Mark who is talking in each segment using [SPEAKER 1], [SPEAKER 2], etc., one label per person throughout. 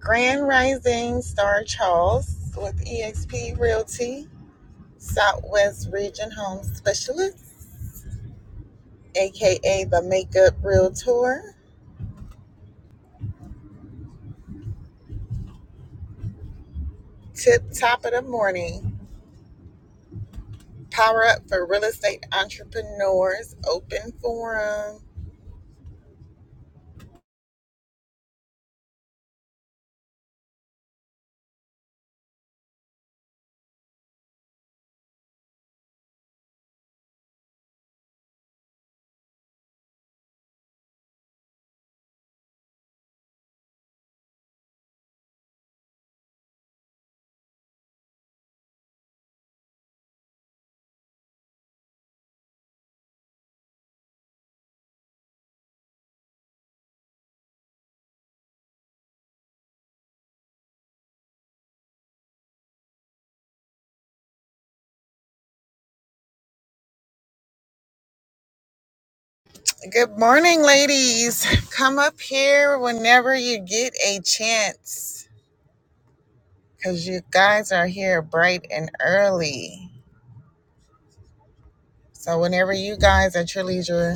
[SPEAKER 1] Grand Rising Star Charles with eXp Realty, Southwest Region Home Specialist, aka the Makeup Realtor. Tip top of the morning. Power up for real estate entrepreneurs. Open forum. Good morning, ladies. Come up here whenever you get a chance because you guys are here bright and early. So, whenever you guys at your leisure,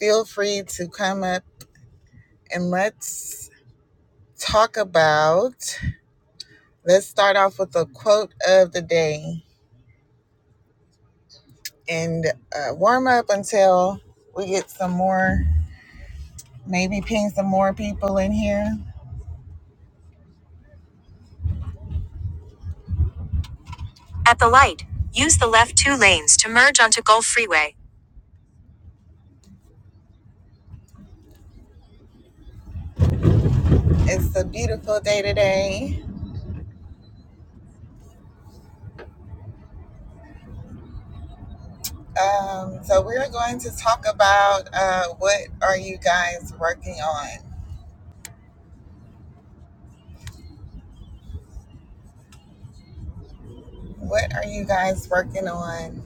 [SPEAKER 1] feel free to come up and let's talk about. Let's start off with a quote of the day and uh, warm up until we get some more, maybe ping some more people in here. At the light, use the left two lanes to merge onto Gulf Freeway. It's a beautiful day today. Um, so we're going to talk about uh, what are you guys working on? What are you guys working on?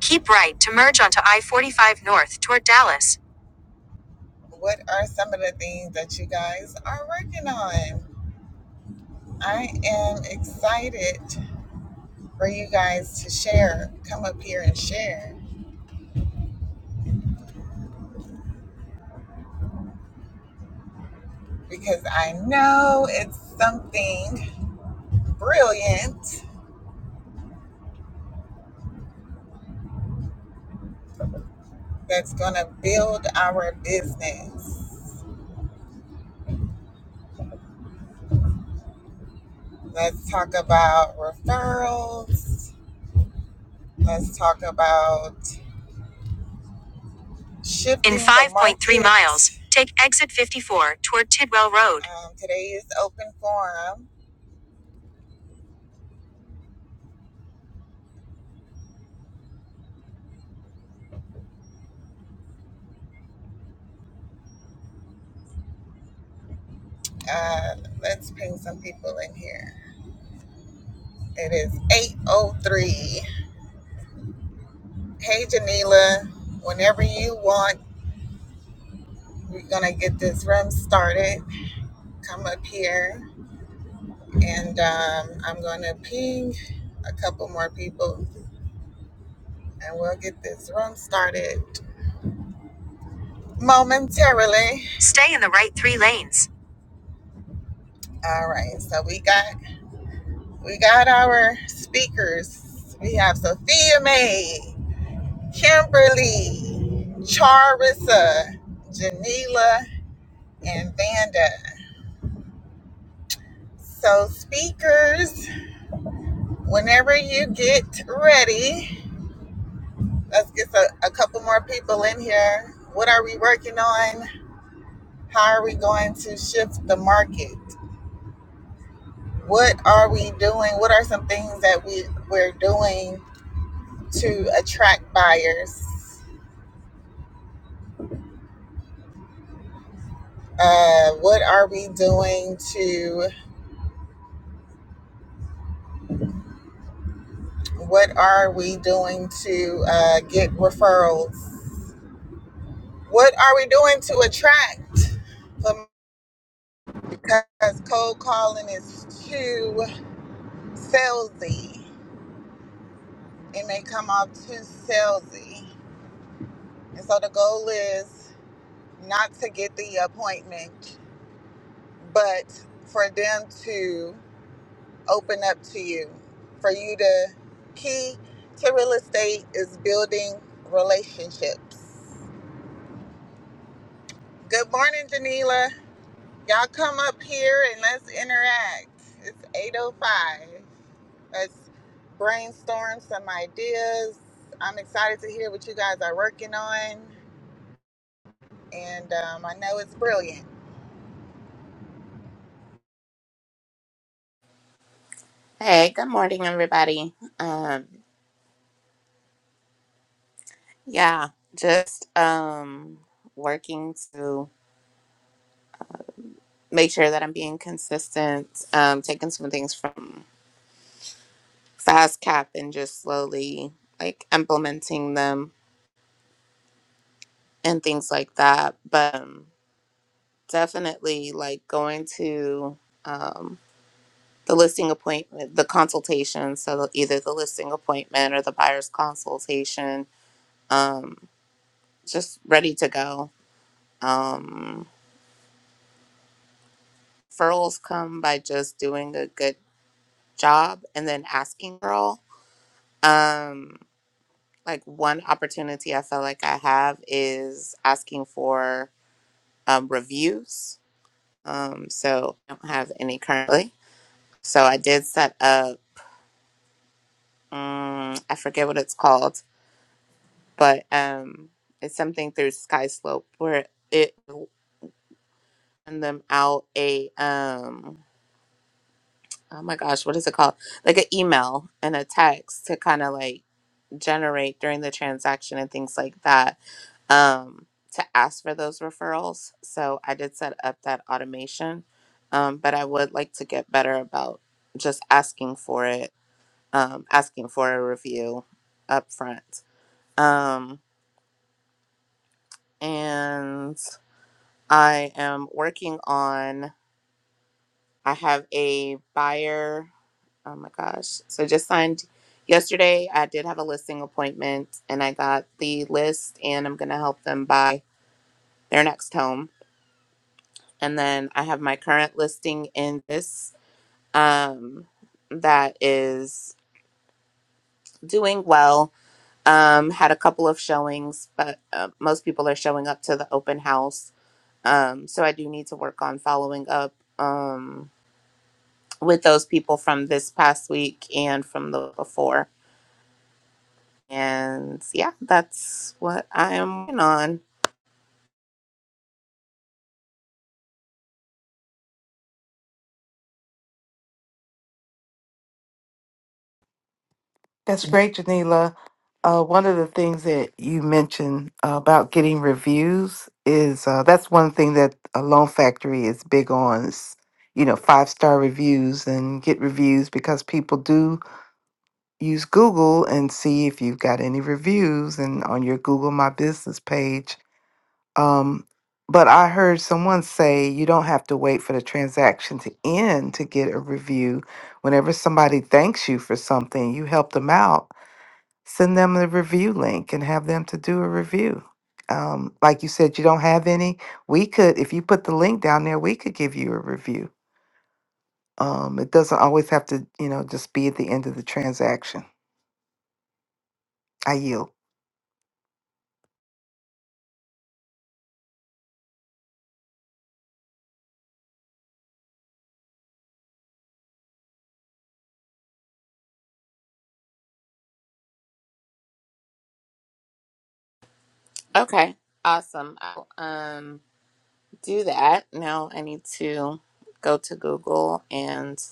[SPEAKER 1] Keep right to merge onto I 45 North toward Dallas. What are some of the things that you guys are working on? I am excited for you guys to share. Come up here and share because I know it's something brilliant that's going to build our business. Let's talk about referrals. Let's talk about shifting in 5.3 miles. Take exit 54 toward Tidwell Road. Um, today is open forum Uh, let's ping some people in here. It is 8.03. Hey, Janila, whenever you want, we're going to get this room started. Come up here, and um, I'm going to ping a couple more people, and we'll get this room started momentarily. Stay in the right three lanes. All right, so we got we got our speakers. We have Sophia May. Kimberly, Charissa, Janila, and Vanda. So, speakers, whenever you get ready, let's get a, a couple more people in here. What are we working on? How are we going to shift the market? What are we doing? What are some things that we, we're doing to attract buyers? Uh, what are we doing to? What are we doing to uh, get referrals? What are we doing to attract? Um, Because cold calling is too salesy. It may come off too salesy. And so the goal is not to get the appointment, but for them to open up to you. For you to, key to real estate is building relationships. Good morning, Janila. Y'all come up here and let's interact. It's 805. Let's brainstorm some ideas. I'm excited to hear what you guys are working on. And um, I know it's brilliant.
[SPEAKER 2] Hey, good morning, everybody. Um, yeah, just um working to make sure that I'm being consistent, um, taking some things from Fast Cap and just slowly like implementing them and things like that. But um, definitely like going to um the listing appointment, the consultation, so the, either the listing appointment or the buyer's consultation, um, just ready to go. Um referrals come by just doing a good job and then asking for all. Um, like one opportunity I felt like I have is asking for um, reviews. Um, so I don't have any currently. So I did set up, um, I forget what it's called, but um, it's something through Skyslope where it will send them out a, um, oh my gosh, what is it called? Like an email and a text to kind of like generate during the transaction and things like that um, to ask for those referrals. So I did set up that automation, um, but I would like to get better about just asking for it, um, asking for a review up front. Um, and I am working on, I have a buyer. Oh my gosh. So just signed yesterday. I did have a listing appointment and I got the list and I'm going to help them buy their next home. And then I have my current listing in this um, that is doing well. Um, had a couple of showings, but uh, most people are showing up to the open house. Um, so I do need to work on following up um, with those people from this past week and from the before. And yeah, that's what I am working on.
[SPEAKER 3] That's great, Janila. Uh, one of the things that you mentioned uh, about getting reviews is uh, that's one thing that a loan factory is big on is you know five star reviews and get reviews because people do use Google and see if you've got any reviews and on your Google My Business page. Um, but I heard someone say you don't have to wait for the transaction to end to get a review. Whenever somebody thanks you for something, you help them out send them the review link and have them to do a review. Um, like you said, you don't have any. We could, if you put the link down there, we could give you a review. Um, it doesn't always have to, you know, just be at the end of the transaction. I yield.
[SPEAKER 2] Okay, awesome. Um, do that. Now I need to go to Google and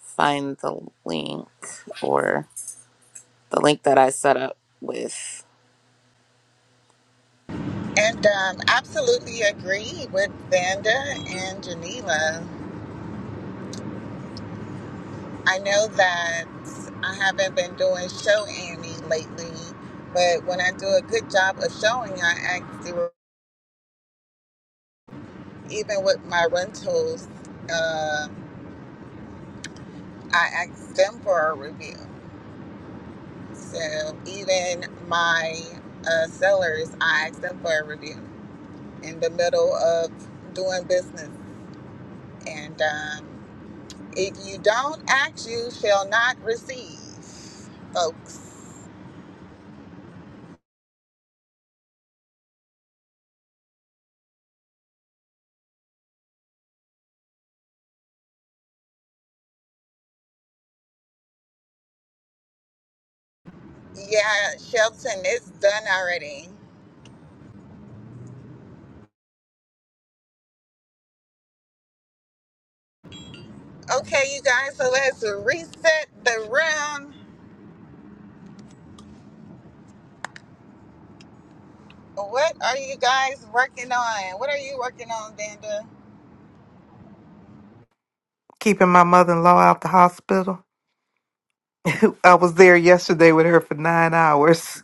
[SPEAKER 2] find the link or the link that I set up with.
[SPEAKER 1] And um, absolutely agree with Vanda and Geneva. I know that I haven't been doing show Annie lately, but when I do a good job of showing, I ask the, even with my rentals, uh, I ask them for a review. So even my uh, sellers, I ask them for a review in the middle of doing business. And um, if you don't ask, you shall not receive, folks. Yeah, Shelton, it's done already. Okay, you guys, so let's reset the room. What are you guys working on? What are you working on, Vanda?
[SPEAKER 3] Keeping my mother in law out the hospital. I was there yesterday with her for nine hours,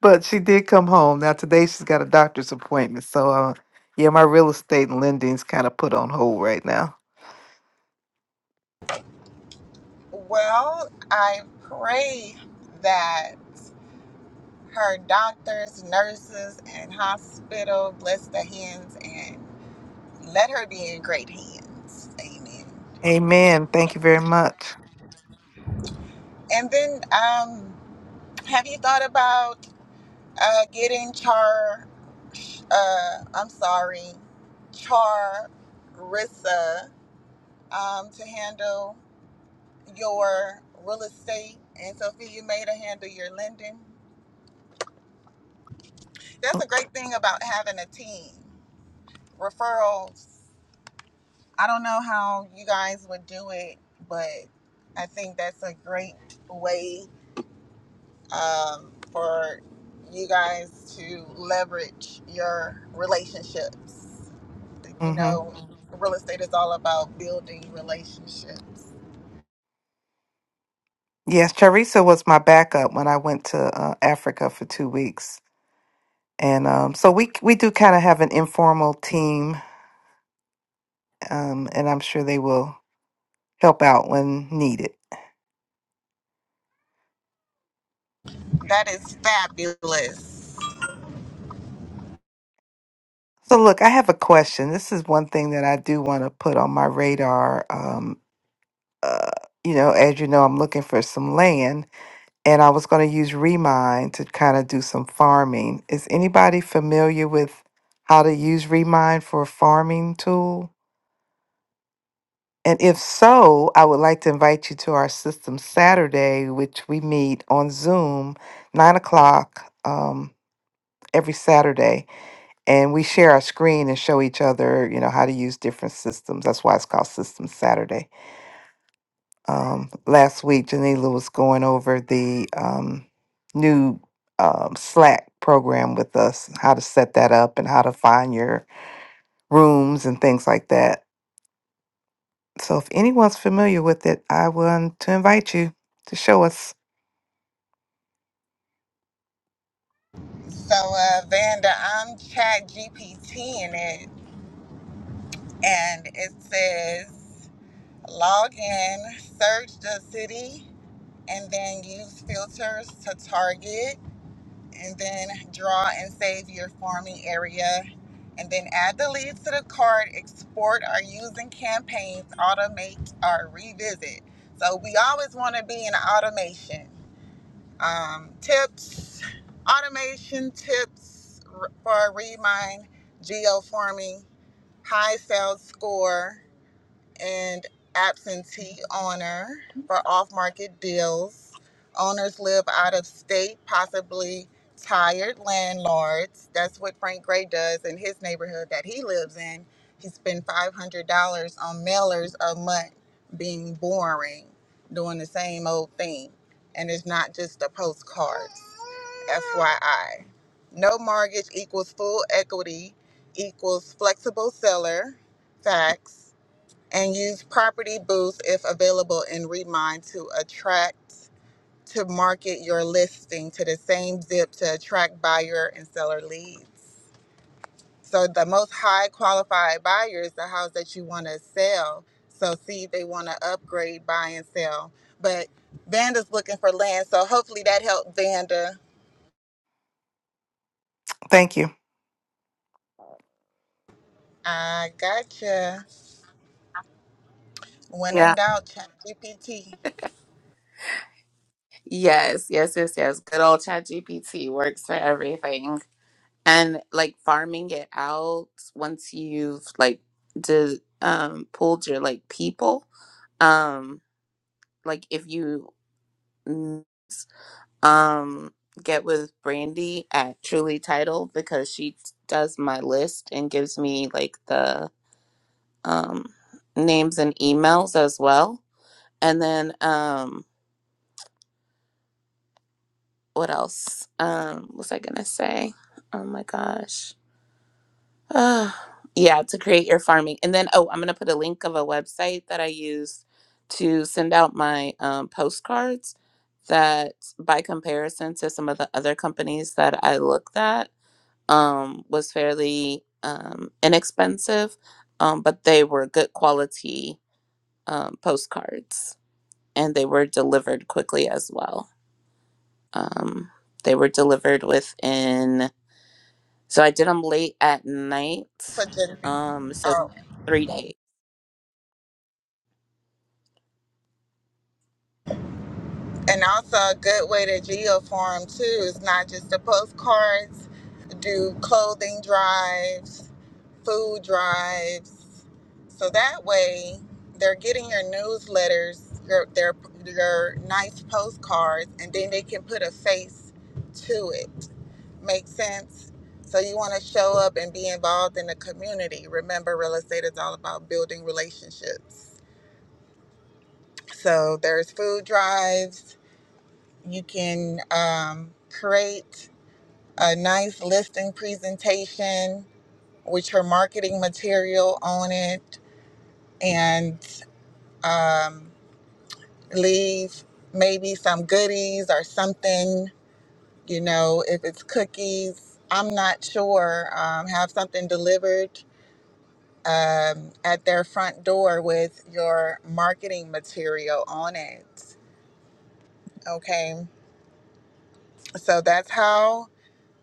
[SPEAKER 3] but she did come home. Now today she's got a doctor's appointment. So, uh, yeah, my real estate and lending's kind of put on hold right now.
[SPEAKER 1] Well, I pray that her doctors, nurses, and hospital bless the hands and let her be in great hands. Amen.
[SPEAKER 3] Amen. Thank you very much.
[SPEAKER 1] And then, um, have you thought about uh, getting Char? Uh, I'm sorry, Char um, to handle your real estate, and Sophia May to handle your lending. That's a great thing about having a team. Referrals. I don't know how you guys would do it, but I think that's a great way um, for you guys to leverage your relationships. You
[SPEAKER 3] Mm-hmm.
[SPEAKER 1] know, real estate is all about building relationships.
[SPEAKER 3] Yes, Charissa was my backup when I went to uh, Africa for two weeks, and um, so we we do kind of have an informal team, um, and I'm sure they will help out when needed.
[SPEAKER 1] That is fabulous.
[SPEAKER 3] So, look, I have a question. This is one thing that I do want to put on my radar. Um, uh, you know, as you know, I'm looking for some land, and I was going to use Remine to kind of do some farming. Is anybody familiar with how to use Remine for a farming tool? And if so, I would like to invite you to our system Saturday, which we meet on Zoom, nine o'clock um, every Saturday, and we share our screen and show each other, you know, how to use different systems. That's why it's called System Saturday. Um, last week, Janila was going over the um, new um, Slack program with us, how to set that up and how to find your rooms and things like that. So if anyone's familiar with it, I want to invite you to show us.
[SPEAKER 1] So, uh, Vanda, I'm chat GPT in it, and it says log in, search the city, and then use filters to target, and then draw and save your farming area, and then add the leads to the cart, export or using campaigns, automate or revisit. So, we always want to be in automation. um, tips, automation tips for Remind, geoforming, high sales score and absentee owner for off market deals. Owners live out of state, possibly tired landlords. That's what Frank Gray does in his neighborhood that he lives in. He spent $500 on mailers a month being boring, doing the same old thing. And it's not just the postcards, FYI. No mortgage equals full equity equals flexible seller. Facts and use property booths if available in Remind to attract to market your listing to the same zip to attract buyer and seller leads. So the most high qualified buyers, the house that you want to sell. So see if they want to upgrade, buy and sell. But Vanda's looking for land, so hopefully that helped Vanda.
[SPEAKER 3] Thank you.
[SPEAKER 1] I gotcha. When in
[SPEAKER 2] Yeah.
[SPEAKER 1] doubt, chat GPT
[SPEAKER 2] Yes, yes, yes, yes. Good old ChatGPT works for everything. And like farming it out once you've like did um pulled your like people. Um like if you um get with brandy at truly title because she does my list and gives me like the um names and emails as well and then um what else um what was i gonna say oh my gosh Uh, yeah to create your farming and then oh i'm gonna put a link of a website that i use to send out my um, postcards that by comparison to some of the other companies that i looked at um, was fairly um, inexpensive, um, but they were good quality um, postcards and they were delivered quickly as well. Um, they were delivered within, so I did them late at night.
[SPEAKER 1] for Gen-
[SPEAKER 2] Um, so
[SPEAKER 1] Oh.
[SPEAKER 2] three days.
[SPEAKER 1] And also a good way to geoform too is not just the postcards, do clothing drives, food drives. So that way they're getting your newsletters, your their your nice postcards, and then they can put a face to it. Make sense? So you want to show up and be involved in the community. Remember, real estate is all about building relationships. So there's food drives you can um, create a nice listing presentation with your marketing material on it and um, leave maybe some goodies or something, you know, if it's cookies. I'm not sure. Um, have something delivered um, at their front door with your marketing material on it. Okay. So that's how.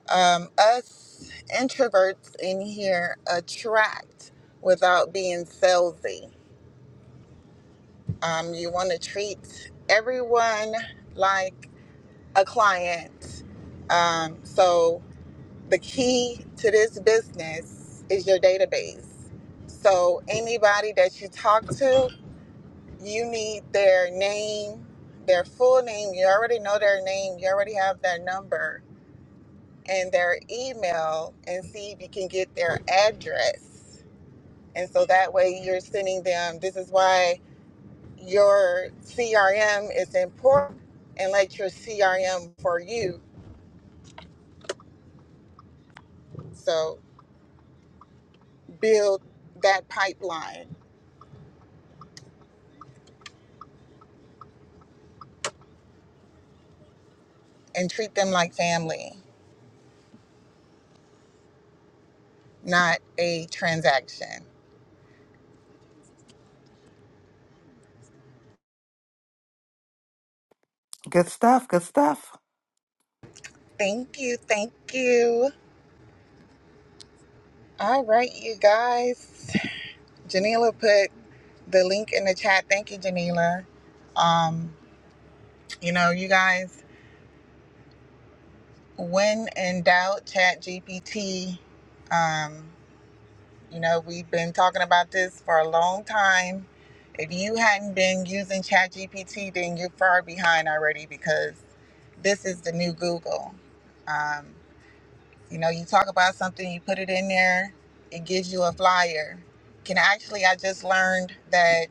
[SPEAKER 1] um, us introverts in here attract without being salesy. Um, you want to treat everyone like a client. Um, so the key to this business is your database. So anybody that you talk to, you need their name, their full name. You already know their name. You already have their number and their email and see if you can get their address. And so that way you're sending them, this is why your CRM is important and let your CRM for you. So build that pipeline and treat them like family, not a transaction.
[SPEAKER 3] Good stuff. Good stuff.
[SPEAKER 1] Thank you. Thank you. All right, you guys. Janila put the link in the chat. Thank you, Janila. Um, you know, you guys When in doubt, ChatGPT. Um, you know, we've been talking about this for a long time. If you hadn't been using ChatGPT, then you're far behind already because this is the new Google. Um, you know, you talk about something, you put it in there, it gives you a flyer. Can actually, I just learned that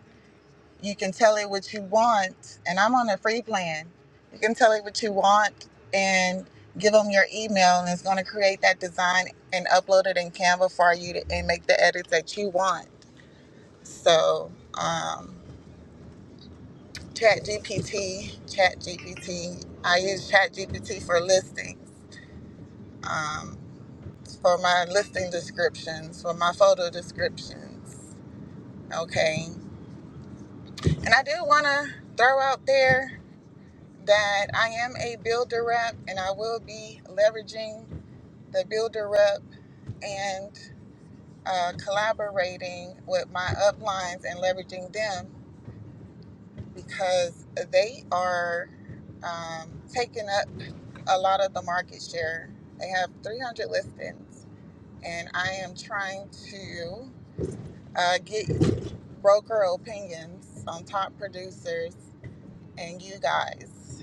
[SPEAKER 1] you can tell it what you want, and I'm on a free plan. You can tell it what you want and give them your email, and it's going to create that design and upload it in Canva for you to, and make the edits that you want. So, um, Chat GPT, Chat GPT. I use Chat GPT for listings, um, for my listing descriptions, for my photo descriptions. Okay. And I do want to throw out there that I am a builder rep and I will be leveraging the builder rep and uh, collaborating with my uplines and leveraging them because they are um, taking up a lot of the market share. They have 300 listings, and I am trying to uh, get broker opinions on top producers and you guys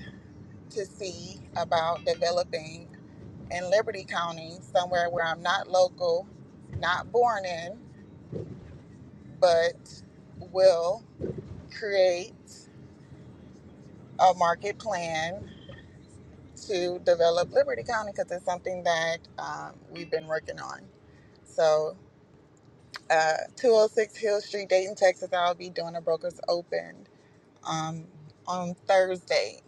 [SPEAKER 1] to see about developing in Liberty County, somewhere where I'm not local, not born in, but will create a market plan to develop Liberty County because it's something that um, we've been working on. So, uh, 206 Hill Street, Dayton, Texas, I'll be doing a broker's open um, on Thursday.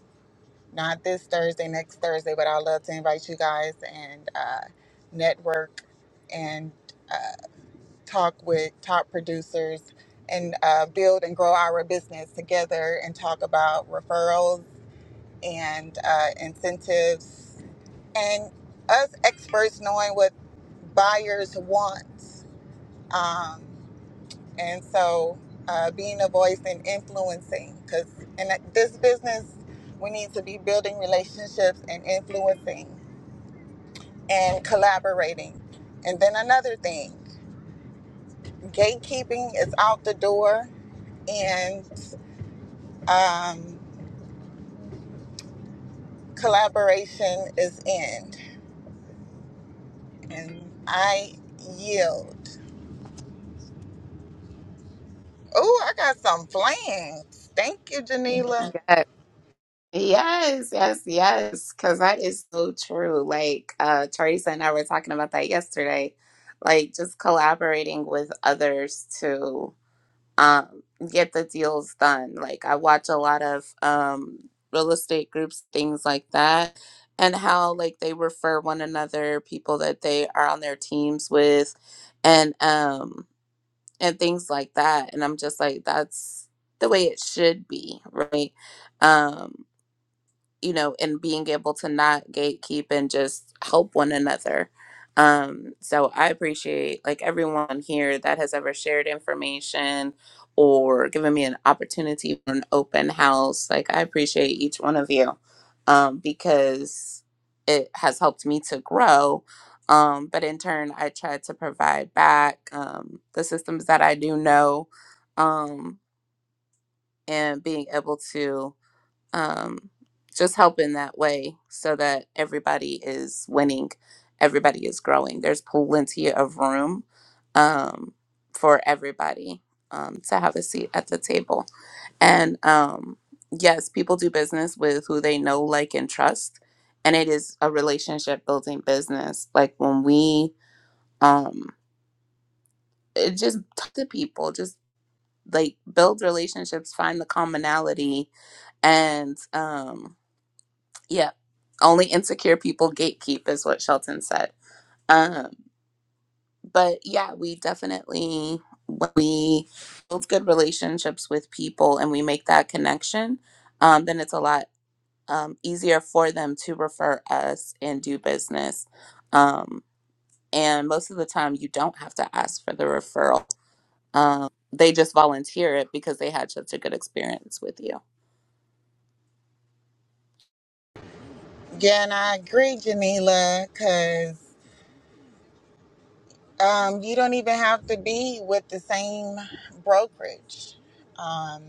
[SPEAKER 1] Not this Thursday, next Thursday, but I'd love to invite you guys and uh, network and uh, talk with top producers and uh, build and grow our business together and talk about referrals and uh, incentives and us experts knowing what buyers want. Um, and so uh, being a voice and influencing because in this business, we need to be building relationships and influencing and collaborating. And then another thing. Gatekeeping is out the door, and um, collaboration is in. And I yield. Oh, I got some plans. Thank you, Janila.
[SPEAKER 2] Yes, yes, yes, yes. Because that is so true. Like uh, Teresa and I were talking about that yesterday. Like just collaborating with others to. um, get the deals done. Like I watch a lot of um, real estate groups, things like that, and how like they refer one another, people that they are on their teams with, and um, and things like that. And I'm just like, that's the way it should be, right? Um, you know, and being able to not gatekeep and just help one another. Um, so I appreciate like everyone here that has ever shared information or given me an opportunity for an open house. Like I appreciate each one of you um, because it has helped me to grow. Um, but in turn, I try to provide back um, the systems that I do know um, and being able to um, just help in that way so that everybody is winning, everybody is growing. There's plenty of room um, for everybody um, to have a seat at the table. And um, yes, people do business with who they know, like, and trust. And it is a relationship building business. Like when we um, it just talk to people, just like build relationships, find the commonality, and um, Yeah. Only insecure people gatekeep is what Shelton said. Um, but yeah, we definitely when we build good relationships with people and we make that connection, um, then it's a lot um, easier for them to refer us and do business. Um, and most of the time, you don't have to ask for the referral. Um, they just volunteer it because they had such a good experience with you.
[SPEAKER 1] Yeah, and I agree, Janila, because um, you don't even have to be with the same brokerage. Um,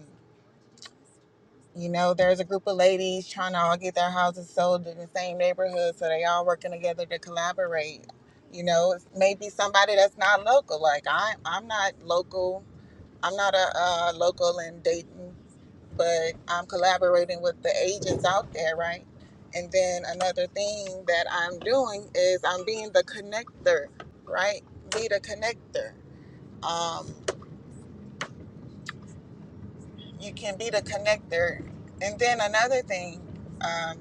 [SPEAKER 1] You know, there's a group of ladies trying to all get their houses sold in the same neighborhood, so they all working together to collaborate. You know, it's maybe somebody that's not local. Like I, I'm not local. I'm not a, uh local in Dayton, but I'm collaborating with the agents out there, right? And then another thing that I'm doing is I'm being the connector, right? Be the connector. Um, you can be the connector. And then another thing, um,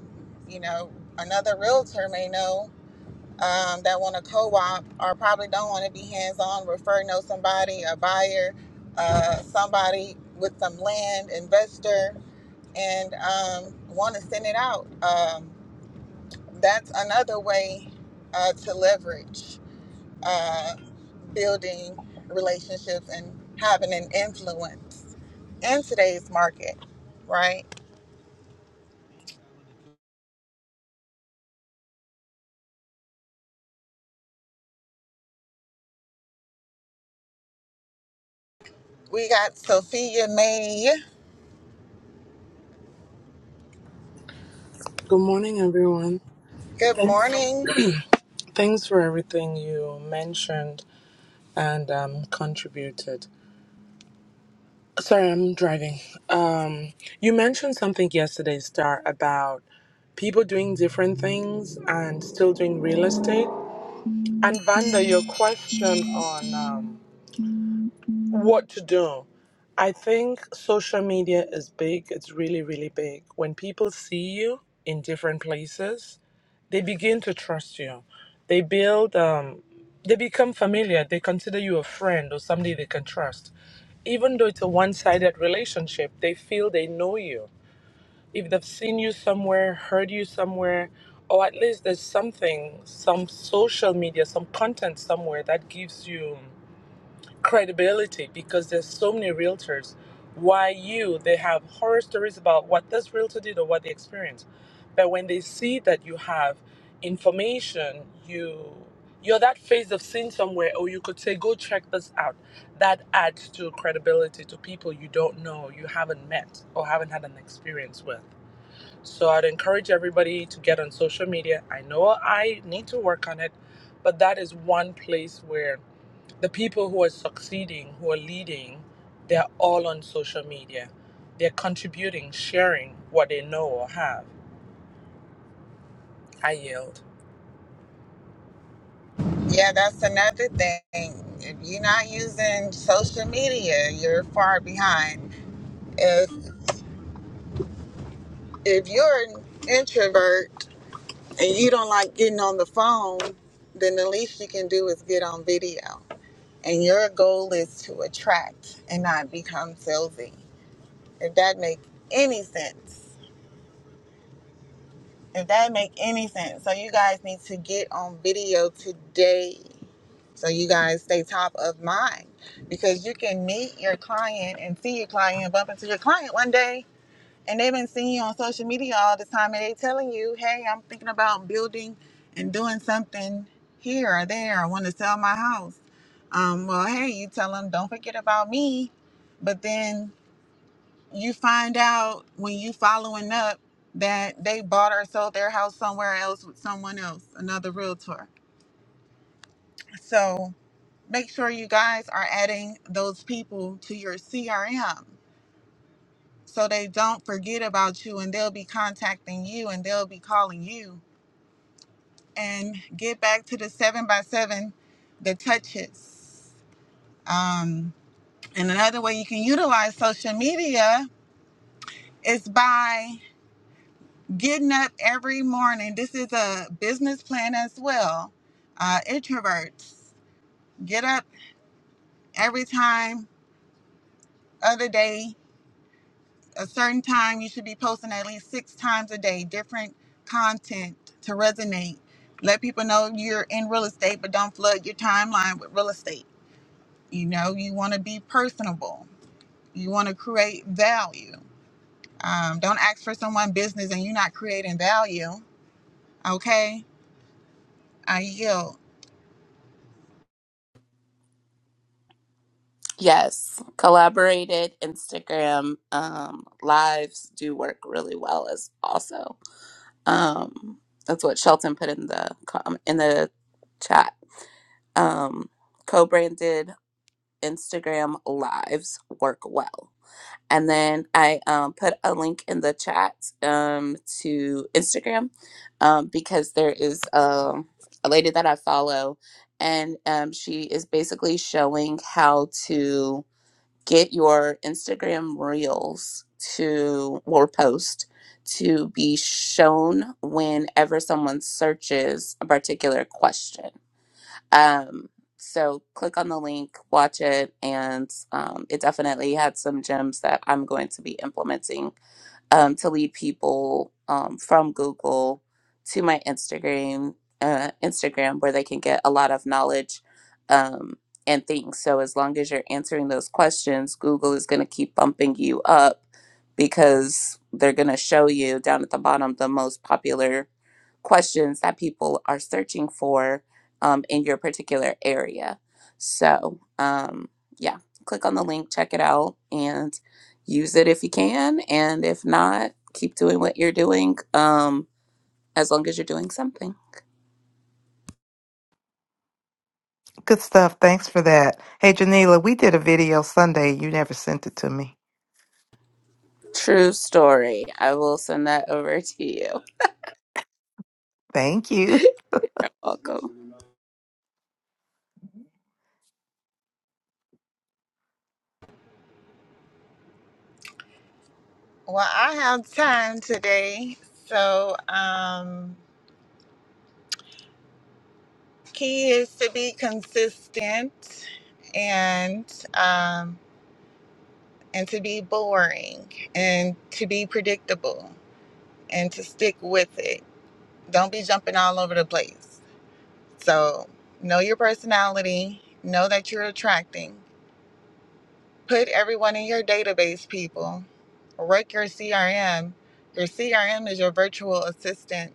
[SPEAKER 1] you know, another realtor may know um, that want to co-op or probably don't want to be hands-on, refer know somebody, a buyer, uh, somebody with some land, investor, and um, want to send it out. Um, that's another way uh, to leverage uh, building relationships and having an influence in today's market, right? We got Sophia May.
[SPEAKER 4] Good morning, everyone.
[SPEAKER 1] Good
[SPEAKER 4] Thanks,
[SPEAKER 1] morning.
[SPEAKER 4] thanks for everything you mentioned and um, contributed. Sorry, I'm driving. Um, you mentioned something yesterday, Star, about people doing different things and still doing real estate. And Vanda, your question on um, what to do. I think social media is big. It's really, really big. When people see you in different places, they begin to trust you. They build, um, they become familiar. They consider you a friend or somebody they can trust. Even though it's a one sided relationship, they feel they know you. If they've seen you somewhere, heard you somewhere, or at least there's something, some social media, some content somewhere that gives you credibility because there's so many realtors. Why you? They have horror stories about what this realtor did or what they experienced. But when they see that you have information, you you're that face of seen somewhere, or you could say, "Go check this out." That adds to credibility to people you don't know, you haven't met, or haven't had an experience with. So I'd encourage everybody to get on social media. I know I need to work on it, but that is one place where the people who are succeeding, who are leading, they're all on social media. They're contributing, sharing what they know or have. I yield.
[SPEAKER 1] Yeah, that's another thing. If you're not using social media, you're far behind. If if you're an introvert and you don't like getting on the phone, then the least you can do is get on video. And your goal is to attract and not become salesy. If that makes any sense. If that make any sense. So you guys need to get on video today. So you guys stay top of mind because you can meet your client and see your client and bump into your client one day and they've been seeing you on social media all this time and they telling you, hey, I'm thinking about building and doing something here or there. I want to sell my house. Um, well, hey, you tell them, don't forget about me. But then you find out when you following up that they bought or sold their house somewhere else with someone else, another realtor. So make sure you guys are adding those people to your CRM so they don't forget about you and they'll be contacting you and they'll be calling you. And get back to the seven by seven, the touches. Um, and another way you can utilize social media is by getting up every morning. This is a business plan as well. Uh, introverts get up every time other day, a certain time. You should be posting at least six times a day, different content to resonate. Let people know you're in real estate, but don't flood your timeline with real estate. You know, you want to be personable. You want to create value. Um, don't ask for someone business and you're not creating value. Okay, I yield.
[SPEAKER 2] Yes, collaborated Instagram um, lives do work really well as also. Um, that's what Shelton put in the com- in the chat. Um, co-branded Instagram lives work well. And then I um, put a link in the chat um, to Instagram um, because there is um a lady that I follow, and um, she is basically showing how to get your Instagram reels to or post to be shown whenever someone searches a particular question. Um, so click on the link, watch it, and um, it definitely had some gems that I'm going to be implementing um, to lead people um, from Google to my Instagram, uh, Instagram, where they can get a lot of knowledge um, and things. So as long as you're answering those questions, Google is going to keep bumping you up because they're going to show you down at the bottom the most popular questions that people are searching for um, in your particular area. So, um, yeah, click on the link, check it out, and use it if you can. And if not, keep doing what you're doing um, as long as you're doing something.
[SPEAKER 3] Good stuff. Thanks for that. Hey, Janila, we did a video Sunday. You never sent it to me.
[SPEAKER 2] True story. I will send that over to you.
[SPEAKER 3] Thank you.
[SPEAKER 2] Welcome.
[SPEAKER 1] Well, I have time today. So, um, key is to be consistent and um, and to be boring and to be predictable and to stick with it. Don't be jumping all over the place. So, know your personality. Know that you're attracting. Put everyone in your database, people. Work your CRM. Your CRM is your virtual assistant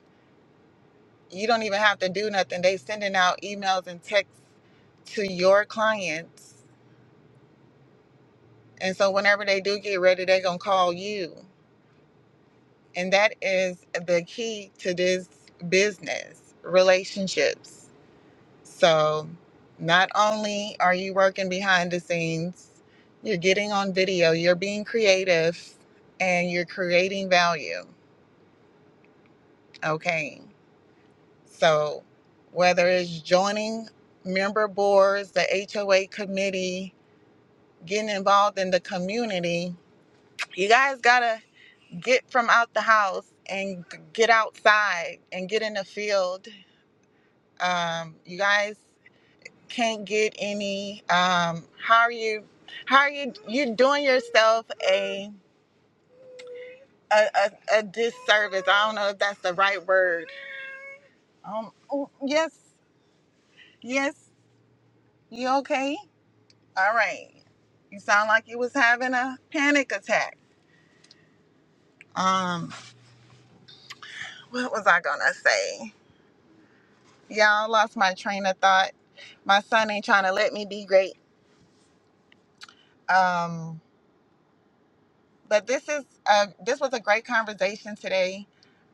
[SPEAKER 1] you don't even have to do nothing. They sending out emails and texts to your clients. And so whenever they do get ready, they're gonna call you. And that is the key to this business, relationships. So not only are you working behind the scenes, you're getting on video, you're being creative, and you're creating value. Okay. So whether it's joining member boards, the HOA committee, getting involved in the community, you guys gotta get from out the house and g- get outside and get in the field. Um, you guys can't get any. Um, how are you? How are you? You're doing yourself a a, a, a disservice. I don't know if that's the right word. Um, oh, yes, yes. You okay? All right. You sound like you was having a panic attack. Um, what was I gonna say? Y'all I lost my train of thought. My son ain't trying to let me be great. Um, but this is uh this was a great conversation today.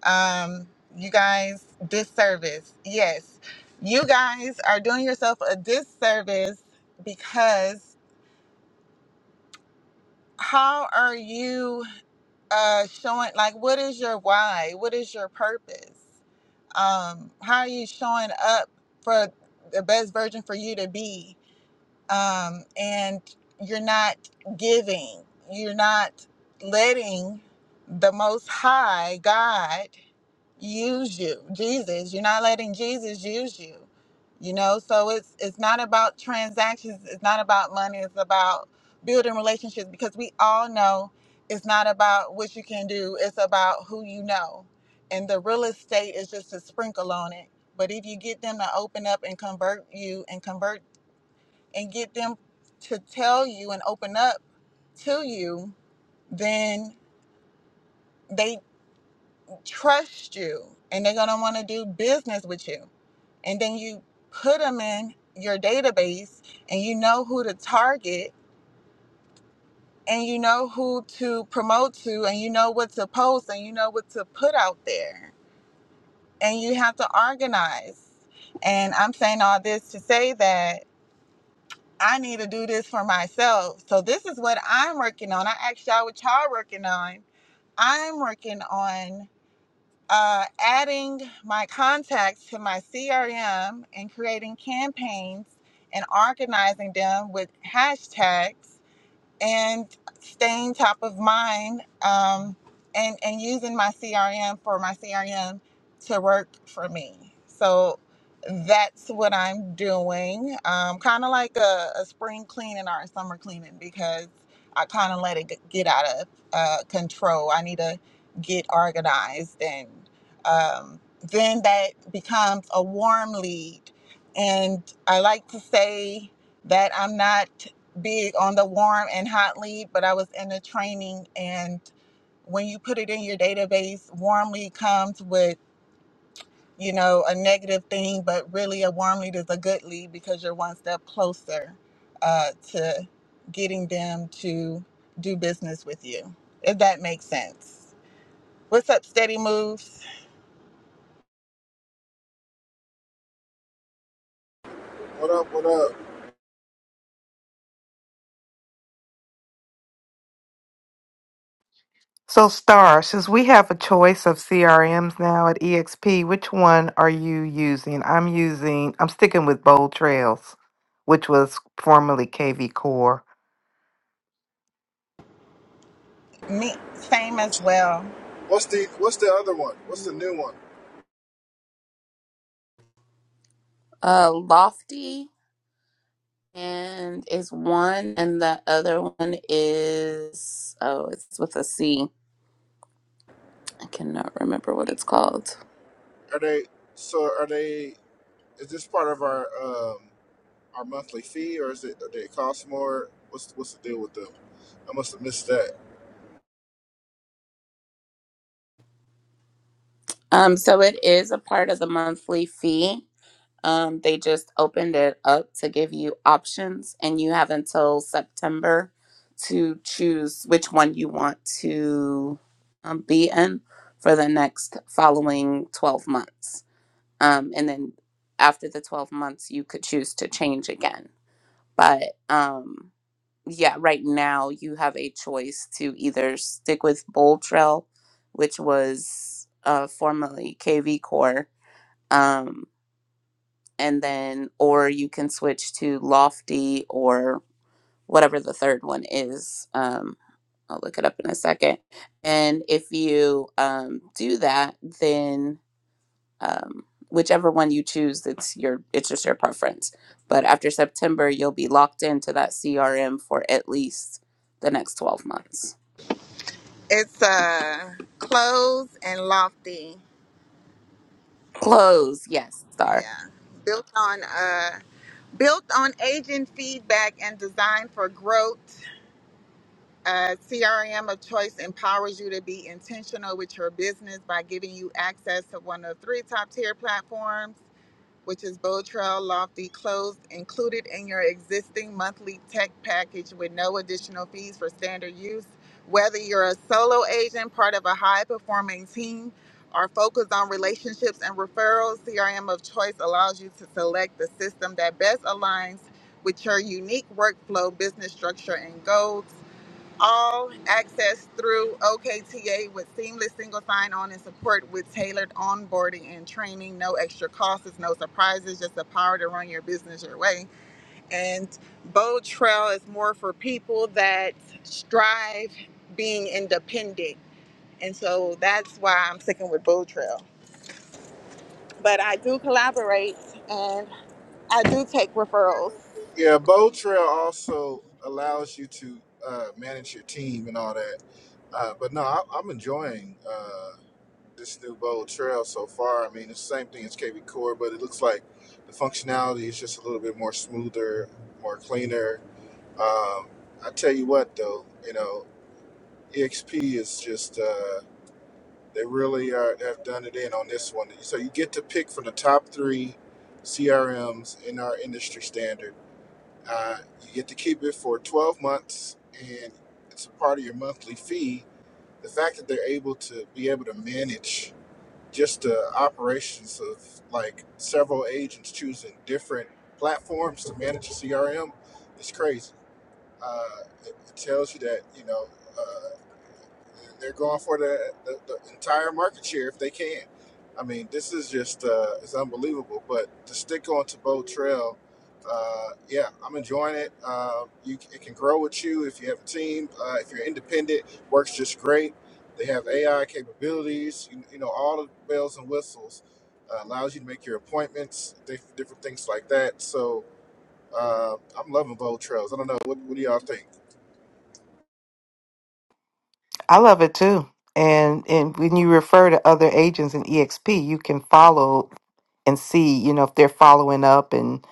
[SPEAKER 1] Um, you guys, disservice. Yes, you guys are doing yourself a disservice because how are you uh showing like what is your why? What is your purpose? um, how are you showing up for the best version for you to be um, and you're not giving you're not letting the most high god use you jesus you're not letting jesus use you you know so it's it's not about transactions it's not about money it's about building relationships because we all know it's not about what you can do it's about who you know and the real estate is just a sprinkle on it but if you get them to open up and convert you and convert and get them to tell you and open up to you then they trust you and they're going to want to do business with you and then you put them in your database and you know who to target and you know who to promote to and you know what to post and you know what to put out there and you have to organize and i'm saying all this to say that i need to do this for myself so this is what i'm working on i asked y'all what y'all working on i'm working on uh, adding my contacts to my CRM and creating campaigns and organizing them with hashtags and staying top of mind um, and and using my CRM for my CRM to work for me. So that's what I'm doing, um, kind of like a, a spring cleaning or a summer cleaning because I kind of let it g- get out of uh, control. I need to get organized and um, then that becomes a warm lead. And I like to say that I'm not big on the warm and hot lead, but I was in a training and when you put it in your database, warm lead comes with, you know, a negative thing, but really a warm lead is a good lead because you're one step closer uh, to getting them to do business with you, if that makes sense. What's up, Steady Moves?
[SPEAKER 5] What up? What up?
[SPEAKER 3] So, Star, since we have a choice of CRMs now at EXP, which one are you using? I'm using, I'm sticking with Bold Trails, which was formerly KV Core.
[SPEAKER 1] Me, same as well.
[SPEAKER 5] What's the What's the other one? What's the new one?
[SPEAKER 2] Uh, Lofty and is one, and the other one is oh, it's with a C. I cannot remember what it's called.
[SPEAKER 5] Are they so? Are they? Is this part of our um our monthly fee, or is it? Do they cost more? What's What's the deal with them? I must have missed that.
[SPEAKER 2] Um, so it is a part of the monthly fee. Um, they just opened it up to give you options, and you have until September to choose which one you want to um, be in for the next following 12 months. Um, and then after the 12 months, you could choose to change again. But um, yeah, right now you have a choice to either stick with Bold Trail, which was uh, formerly KV Core, um, and then or you can switch to Lofty or whatever the third one is. Um, I'll look it up in a second. And if you um, do that, then um, whichever one you choose it's your it's just your preference but after september you'll be locked into that crm for at least the next 12 months
[SPEAKER 1] It's uh clothes and lofty.
[SPEAKER 2] close yes
[SPEAKER 1] Yeah,
[SPEAKER 2] star
[SPEAKER 1] built on uh built on agent feedback and designed for growth. Uh, CRM of Choice empowers you to be intentional with your business by giving you access to one of three top tier platforms, which is Bold Trail, Lofty, Closed, included in your existing monthly tech package with no additional fees for standard use. Whether you're a solo agent, part of a high performing team, or focused on relationships and referrals, CRM of Choice allows you to select the system that best aligns with your unique workflow, business structure, and goals. All access through OKTA with seamless single sign on and support with tailored onboarding and training. No extra costs, no surprises, just the power to run your business your way. And Bold Trail is more for people that strive being independent. And so that's why I'm sticking with Bold Trail. But I do collaborate and I do take referrals.
[SPEAKER 5] Yeah, Bow Trail also allows you to uh, manage your team and all that. Uh, but no, I, I'm enjoying uh, this new Bow Trail so far. I mean, it's the same thing as KB Core, but it looks like the functionality is just a little bit more smoother, more cleaner Um, I tell you what, though, you know, EXP is just uh, they really are, have done it in on this one. So you get to pick from the top three CRMs in our industry standard. Uh, you get to keep it for 12 months, and it's a part of your monthly fee. The fact that they're able to be able to manage just the operations of like several agents choosing different platforms to manage a CRM is crazy uh, it, it tells you that you know uh, they're going for the, the, the entire market share if they can. I mean, this is just uh, it's unbelievable. But to stick on to Bow Trail, uh, yeah, I'm enjoying it. Uh, you it can grow with you if you have a team. Uh, if you're independent, works just great. They have AI capabilities. You, you know all the bells and whistles. Uh, allows you to make your appointments, diff- different things like that. So uh, I'm loving Bow Trails. I don't know what, what do y'all think.
[SPEAKER 3] I love it too. And, and when you refer to other agents in EXP, you can follow and see, you know, if they're following up and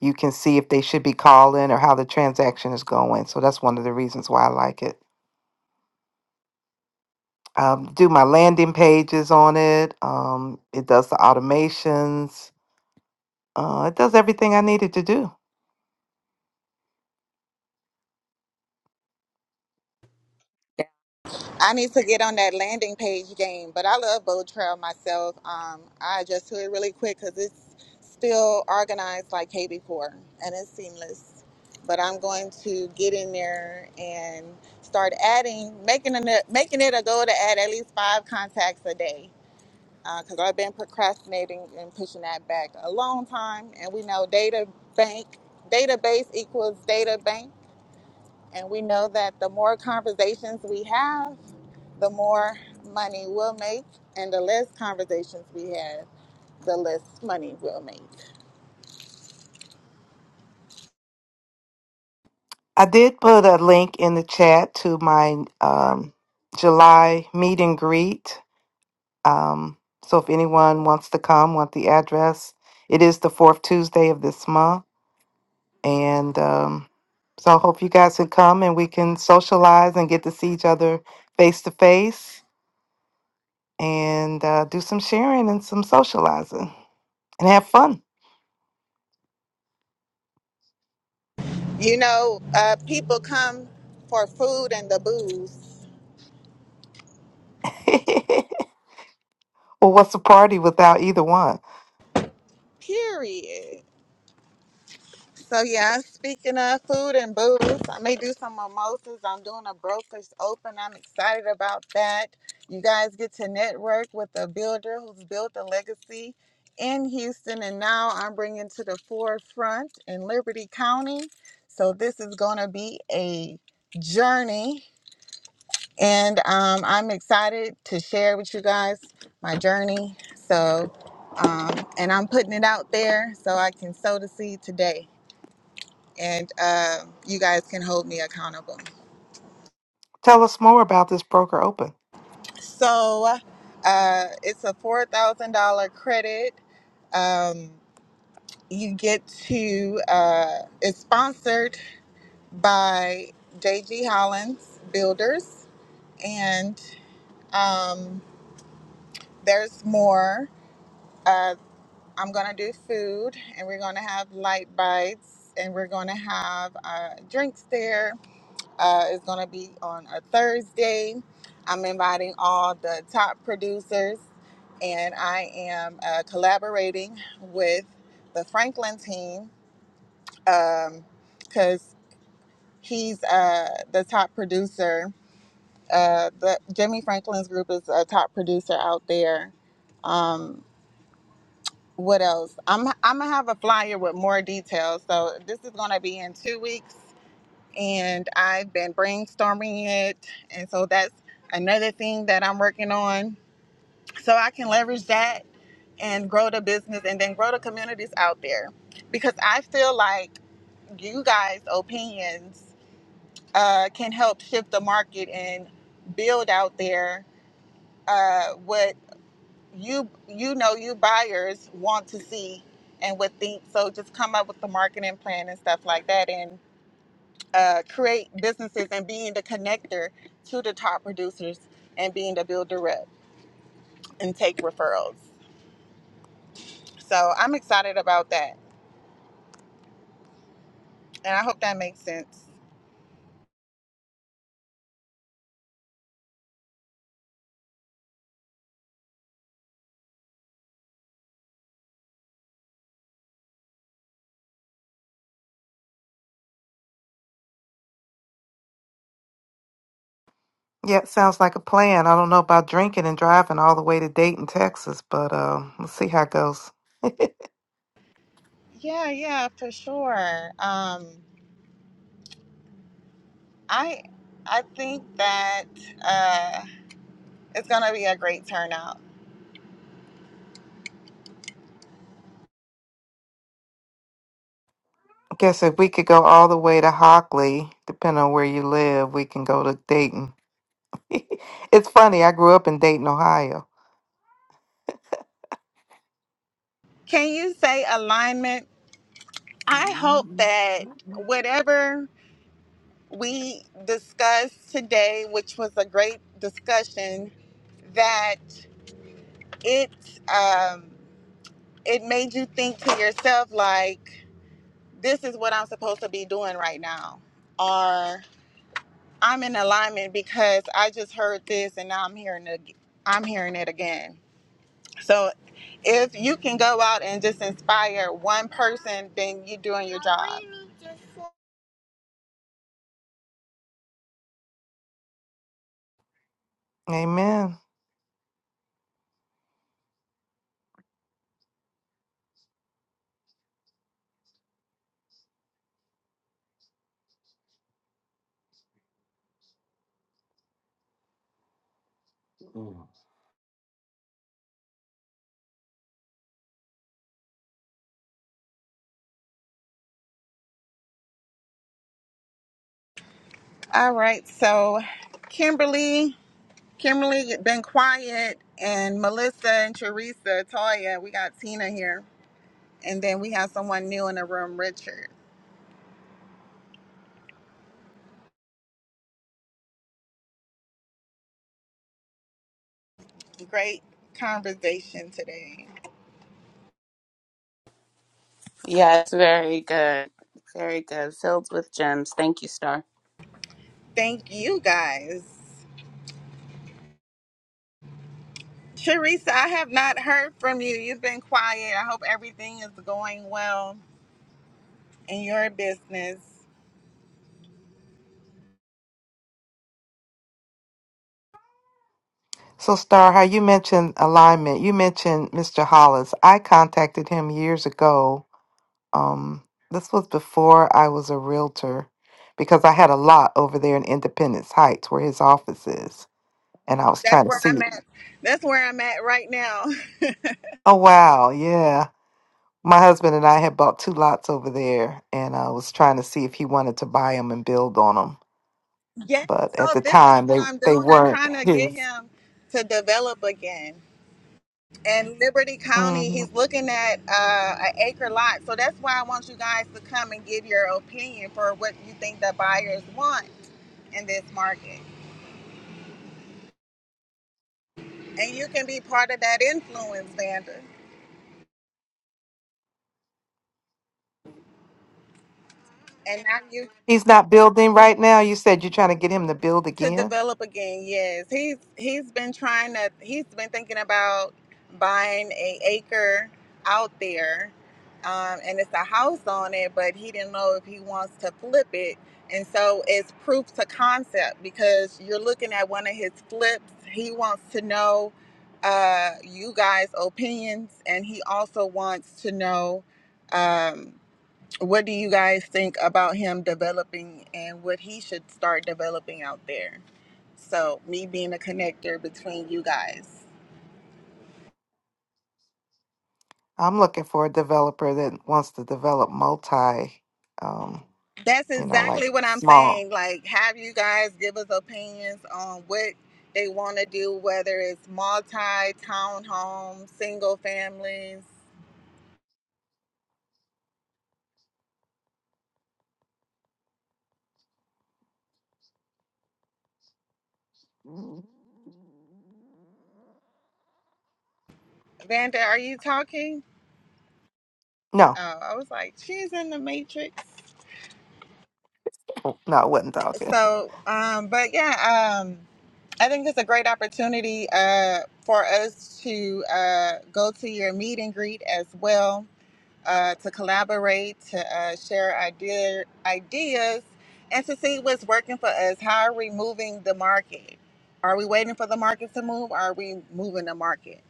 [SPEAKER 3] you can see if they should be calling or how the transaction is going. So that's one of the reasons why I like it. Um, do my landing pages on it. Um, it does the automations. Uh, it does everything I needed to do.
[SPEAKER 1] I need to get on that landing page game, but I love Bow Trail myself. Um, I adjust to it really quick because it's still organized like KB4 and it's seamless. But I'm going to get in there and start adding, making it, making it a goal to add at least five contacts a day because I've been procrastinating and pushing that back a long time. And we know data bank, database equals data bank. And we know that the more conversations we have, the more money we'll make, and the less conversations we have, the less money we'll make.
[SPEAKER 3] I did put a link in the chat to my um, July meet and greet. Um, so if anyone wants to come, want the address, it is the fourth Tuesday of this month And um, so I hope you guys can come and we can socialize and get to see each other face to face and uh, do some sharing and some socializing and have fun.
[SPEAKER 1] You know, uh, people come for food and the booze,
[SPEAKER 3] well, what's a party without either one?
[SPEAKER 1] period. So yeah, speaking of food and booze, I may do some mimosas. I'm doing a brokerage open. I'm excited about that. You guys get to network with a builder who's built a legacy in Houston, and now I'm bringing to the forefront in Liberty County. So this is going to be a journey, and um, I'm excited to share with you guys my journey. So, um, and I'm putting it out there so I can sow the seed today and um you guys can hold me accountable.
[SPEAKER 3] Tell us more about this broker open.
[SPEAKER 1] So uh, it's a four thousand dollar credit. Um, you get to uh, it's sponsored by JG Hollins Builders, and um, there's more. Uh, I'm gonna do food, and we're gonna have light bites, and we're gonna have uh, drinks there uh, is going to be on a Thursday. I'm inviting all the top producers, and I am uh, collaborating with the Franklin team because he's uh, the top producer. Uh, the Jimmy Franklin's group is a top producer out there. Um, what else? I'm I'm gonna have a flyer with more details. So this is gonna be in two weeks and I've been brainstorming it. And so that's another thing that I'm working on. So I can leverage that and grow the business and then grow the communities out there. Because I feel like you guys' opinions uh, can help shift the market and build out there uh, what you you know you buyers want to see and would think. So just come up with the marketing plan and stuff like that. and. uh, create businesses and being the connector to the top producers and being the builder rep and take referrals. So I'm excited about that. And I hope that makes sense.
[SPEAKER 3] Yeah, it sounds like a plan. I don't know about drinking and driving all the way to Dayton, Texas, but uh, let's see how it goes.
[SPEAKER 1] Yeah, yeah, for sure. Um, I I think that uh, it's gonna be a great turnout.
[SPEAKER 3] I guess if we could go all the way to Hockley, depending on where you live, we can go to Dayton. it's funny, I grew up in Dayton, Ohio.
[SPEAKER 1] Can you say alignment? I hope
[SPEAKER 3] Mhm.
[SPEAKER 1] that whatever we discussed today, which was a great discussion, that it um it made you think to yourself like this is what i'm supposed to be doing right now or i'm in alignment because i just heard this and now i'm hearing it i'm hearing it again so if you can go out and just inspire one person then you're doing your job
[SPEAKER 3] Amen.
[SPEAKER 1] all right so kimberly kimberly you've been quiet and melissa and teresa toya we got tina here and then we have someone new in the room richard Great conversation today.
[SPEAKER 2] yes very good very good filled with gems thank you star
[SPEAKER 1] Thank you guys. Teresa, I have not heard from you. You've been quiet. I hope everything is going well in your business.
[SPEAKER 3] So, Star, how you mentioned alignment, you mentioned Mr. Hollis. I contacted him years ago um this was before I was a realtor because I had a lot over there in Independence Heights where his office is and I was
[SPEAKER 1] That's
[SPEAKER 3] trying to
[SPEAKER 1] where I'm
[SPEAKER 3] see
[SPEAKER 1] at. That's where I'm at right now.
[SPEAKER 3] oh wow yeah my husband and I had bought two lots over there and I was trying to see if he wanted to buy them and build on them
[SPEAKER 1] Yeah,
[SPEAKER 3] but at the
[SPEAKER 1] so this is
[SPEAKER 3] time
[SPEAKER 1] what
[SPEAKER 3] they
[SPEAKER 1] I'm
[SPEAKER 3] they
[SPEAKER 1] doing. I'm
[SPEAKER 3] weren't
[SPEAKER 1] trying to get
[SPEAKER 3] his
[SPEAKER 1] him to develop again. And Liberty County,
[SPEAKER 3] hmm
[SPEAKER 1] he's looking at uh, an acre lot. So that's why I want you guys to come and give your opinion for what you think the buyers want in this market. And you can be part of that influence, Vander. And now you
[SPEAKER 3] he's not building right now you said you're trying to get him to build
[SPEAKER 1] to
[SPEAKER 3] again
[SPEAKER 1] develop again. Yes, he's he's been trying to. He's been thinking about buying a acre out there, um, and it's a house on it. But he didn't know if he wants to flip it. And so it's proof to concept because you're looking at one of his flips. He wants to know uh, you guys' opinions, and he also wants to know. Um, What do you guys think about him developing and what he should start developing out there? So, me being a connector between you guys.
[SPEAKER 3] I'm looking for a developer that wants to develop multi, um,
[SPEAKER 1] That's
[SPEAKER 3] you know, like
[SPEAKER 1] exactly what I'm
[SPEAKER 3] small.
[SPEAKER 1] saying. Like, have you guys give us opinions on what they want to do, whether it's multi, townhome, single families. Vanda, are you talking?
[SPEAKER 3] No,
[SPEAKER 1] Oh, I was like, she's in the matrix.
[SPEAKER 3] no, I wasn't talking.
[SPEAKER 1] So, um, but yeah, um, I think it's a great opportunity uh, for us to uh, go to your meet and greet as well, uh, to collaborate, to uh, share idea, ideas, and to see what's working for us. How are we moving the market? Are we waiting for the market to move? are we moving the market?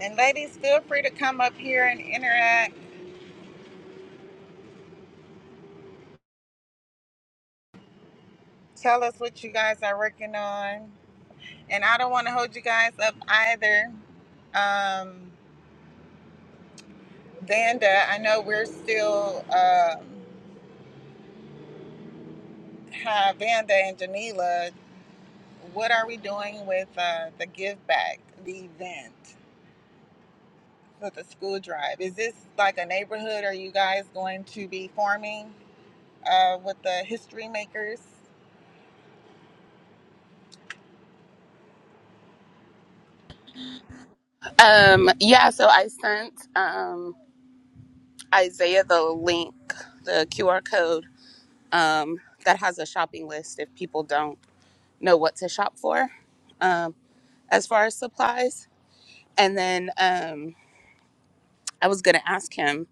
[SPEAKER 1] And ladies, feel free to come up here and interact. Tell us what you guys are working on. And I don't want to hold you guys up either. Um, Vanda, I know we're still um, have Vanda and Janila. What are we doing with uh, the give back, the event for the school drive? Is this like a neighborhood? Are you guys going to be forming uh, with the history makers?
[SPEAKER 2] um yeah so i sent um isaiah the link the qr code um that has a shopping list if people don't know what to shop for um as far as supplies and then um I was gonna ask him.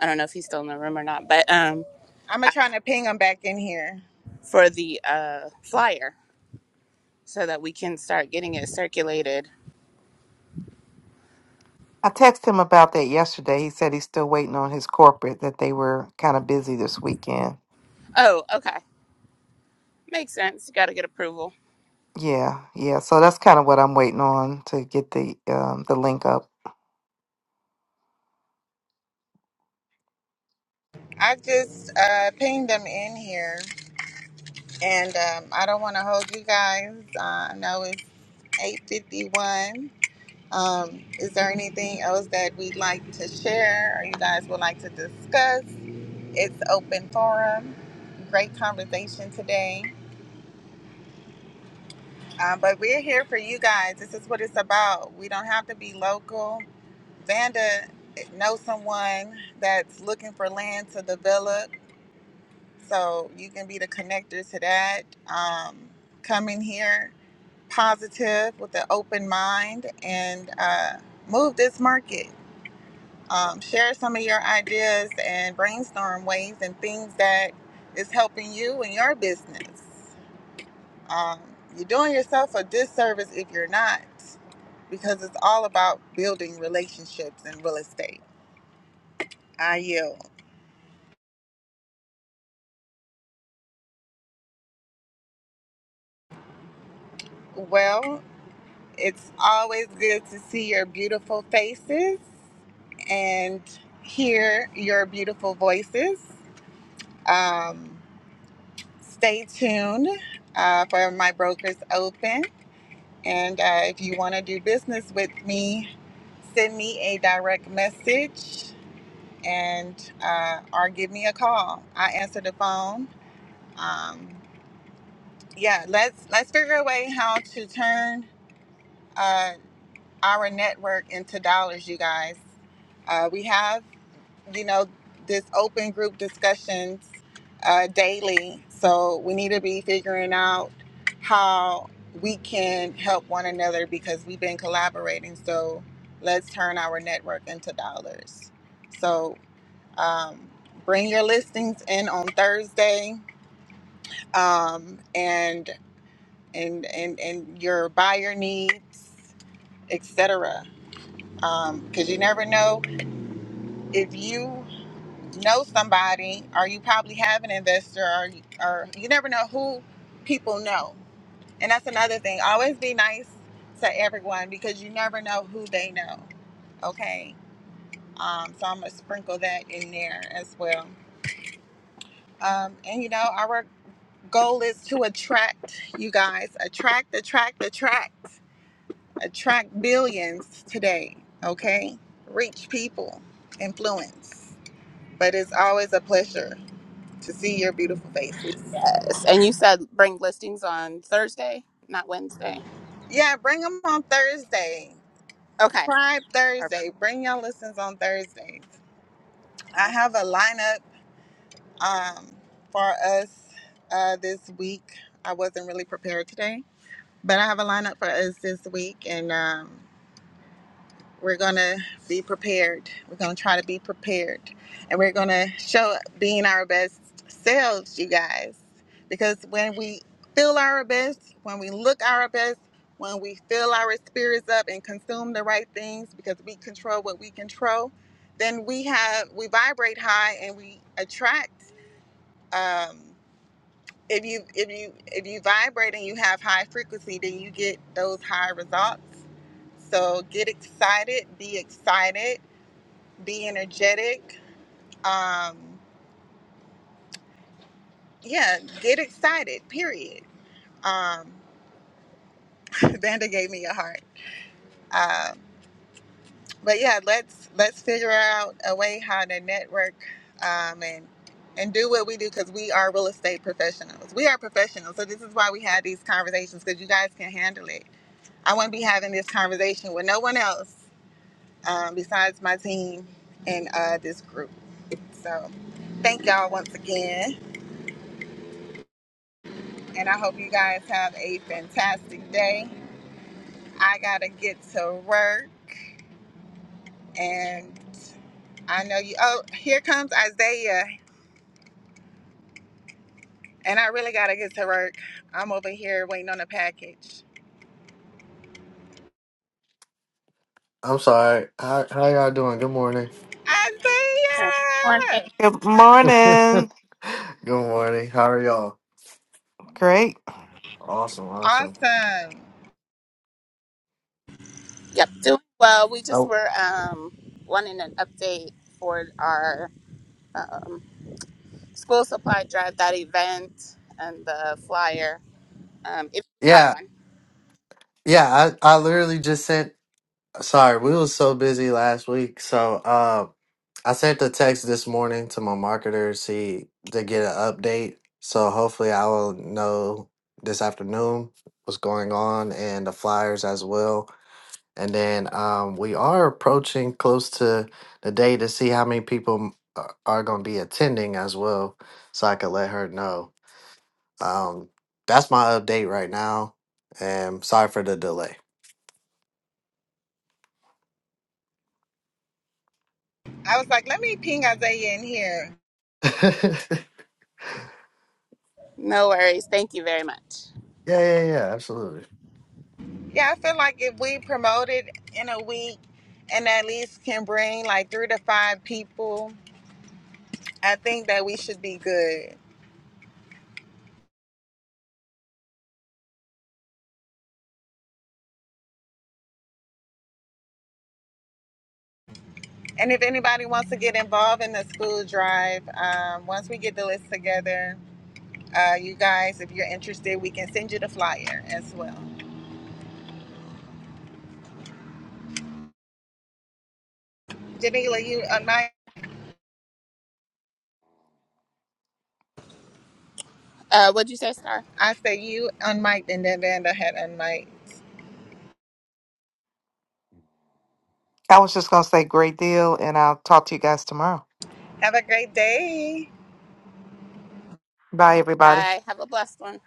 [SPEAKER 2] I don't know if he's still in the room or not, but um,
[SPEAKER 1] I'm gonna try to ping them back in here.
[SPEAKER 2] for the uh, flyer so that we can start getting it circulated.
[SPEAKER 3] I texted him about that yesterday. He said he's still waiting on his corporate that they were kind of busy this weekend.
[SPEAKER 2] Oh, okay, makes sense. got to get approval.
[SPEAKER 3] Yeah, yeah. So that's kind of what I'm waiting on to get the um, the link up.
[SPEAKER 1] I just uh, pinged them in here, and um, I don't want to hold you guys. Uh, I know it's 8:51. Um, is there anything else that we'd like to share or you guys would like to discuss? It's open forum. Great conversation today. Um, but we're here for you guys. This is what it's about. We don't have to be local. Vanda knows someone that's looking for land to develop, so you can be the connector to that. Um, come in here positive with an open mind and uh, move this market. um, share some of your ideas and brainstorm ways and things that is helping you in your business. Um, you're doing yourself a disservice if you're not, because it's all about building relationships in real estate. I yield. Well, it's always good to see your beautiful faces and hear your beautiful voices. Um, stay tuned uh, for my brokers open. And uh, if you want to do business with me, send me a direct message and uh, or give me a call. I answer the phone. Um, yeah, let's let's figure a way how to turn uh, our network into dollars, you guys. Uh, we have you know, this open group discussions uh, daily. So we need to be figuring out how we can help one another because we've been collaborating. So let's turn our network into dollars. So um, bring your listings in on Thursday, um, and and and and your buyer needs, etc. Because you never know if you know somebody or you probably have an investor or, or you never know who people know and that's another thing always be nice to everyone because you never know who they know okay um, so i'm gonna sprinkle that in there as well um, and you know our goal is to attract you guys attract attract attract attract billions today okay reach people influence but it's always a pleasure to see your beautiful faces
[SPEAKER 2] Yes, and you said bring listings on Thursday, not Wednesday.
[SPEAKER 1] Yeah, bring them on Thursday.
[SPEAKER 2] Okay.
[SPEAKER 1] Pride
[SPEAKER 2] Perfect.
[SPEAKER 1] Thursday. Bring your listens on Thursdays. I
[SPEAKER 2] All
[SPEAKER 1] have a lineup um, for us uh, this week. I wasn't really prepared today, but I have a lineup for us this week, and um, We're going to be prepared. We're going to try to be prepared. And we're going to show up being our best selves, you guys. Because when we feel our best, when we look our best, when we fill our spirits up and consume the right things because we control what we control, then we have we vibrate high and we attract um, if you if you if you vibrate and you have high frequency then you get those high results so get excited be excited be energetic um yeah get excited period um vanda gave me a heart um but yeah let's let's figure out a way how to network um and and do what we do because we are real estate professionals we are professionals so this is why we had these conversations because you guys can handle it I wouldn't be having this conversation with no one else um, besides my team and uh, this group. So, thank y'all once again, and I hope you guys have a fantastic day. I gotta get to work, and I know you. Oh, here comes Isaiah, and I really gotta get to work. I'm over here waiting on a package.
[SPEAKER 6] I'm sorry. How how y'all doing? Good morning.
[SPEAKER 2] right. Morning.
[SPEAKER 1] Isaiah,
[SPEAKER 3] Good
[SPEAKER 6] Good
[SPEAKER 3] morning.
[SPEAKER 6] morning. How are y'all?
[SPEAKER 3] Great.
[SPEAKER 6] Awesome, awesome.
[SPEAKER 1] awesome.
[SPEAKER 2] Yep. Doing well. We just
[SPEAKER 6] Oh
[SPEAKER 2] were um, wanting an update for our um, school supply drive, that event, and the flyer, um, if you have
[SPEAKER 6] yeah,
[SPEAKER 2] one.
[SPEAKER 6] yeah. I I literally just sent. Sorry, we was so busy last week. So uh, I sent the text this morning to my marketer to see to get an update. So hopefully I will know this afternoon what's going on and the flyers as well. And then um, we are approaching close to the day to see how many people m- are, are going to be attending as well, so I could let her know. Um, that's my update right now, and sorry for the delay.
[SPEAKER 1] I was like, let me ping Isaiah in here.
[SPEAKER 6] yeah,
[SPEAKER 2] No worries. Thank you very much.
[SPEAKER 6] yeah, yeah, absolutely.
[SPEAKER 1] Yeah, I feel like if we promote it in a week and at least can bring like three to five people, I think that we should be good. And if anybody wants to get involved in the school drive, um, once we get the list together, uh, you guys, if you're interested, we can send you the flyer as well. Janila, you unmiked.
[SPEAKER 2] Uh, what'd you say, Star?
[SPEAKER 1] I say you unmiked and then Vanda had unmiked.
[SPEAKER 3] I was just gonna say great deal, and I'll talk to you guys tomorrow.
[SPEAKER 1] Have a great day.
[SPEAKER 3] Bye, everybody.
[SPEAKER 2] Bye. Have a blessed one.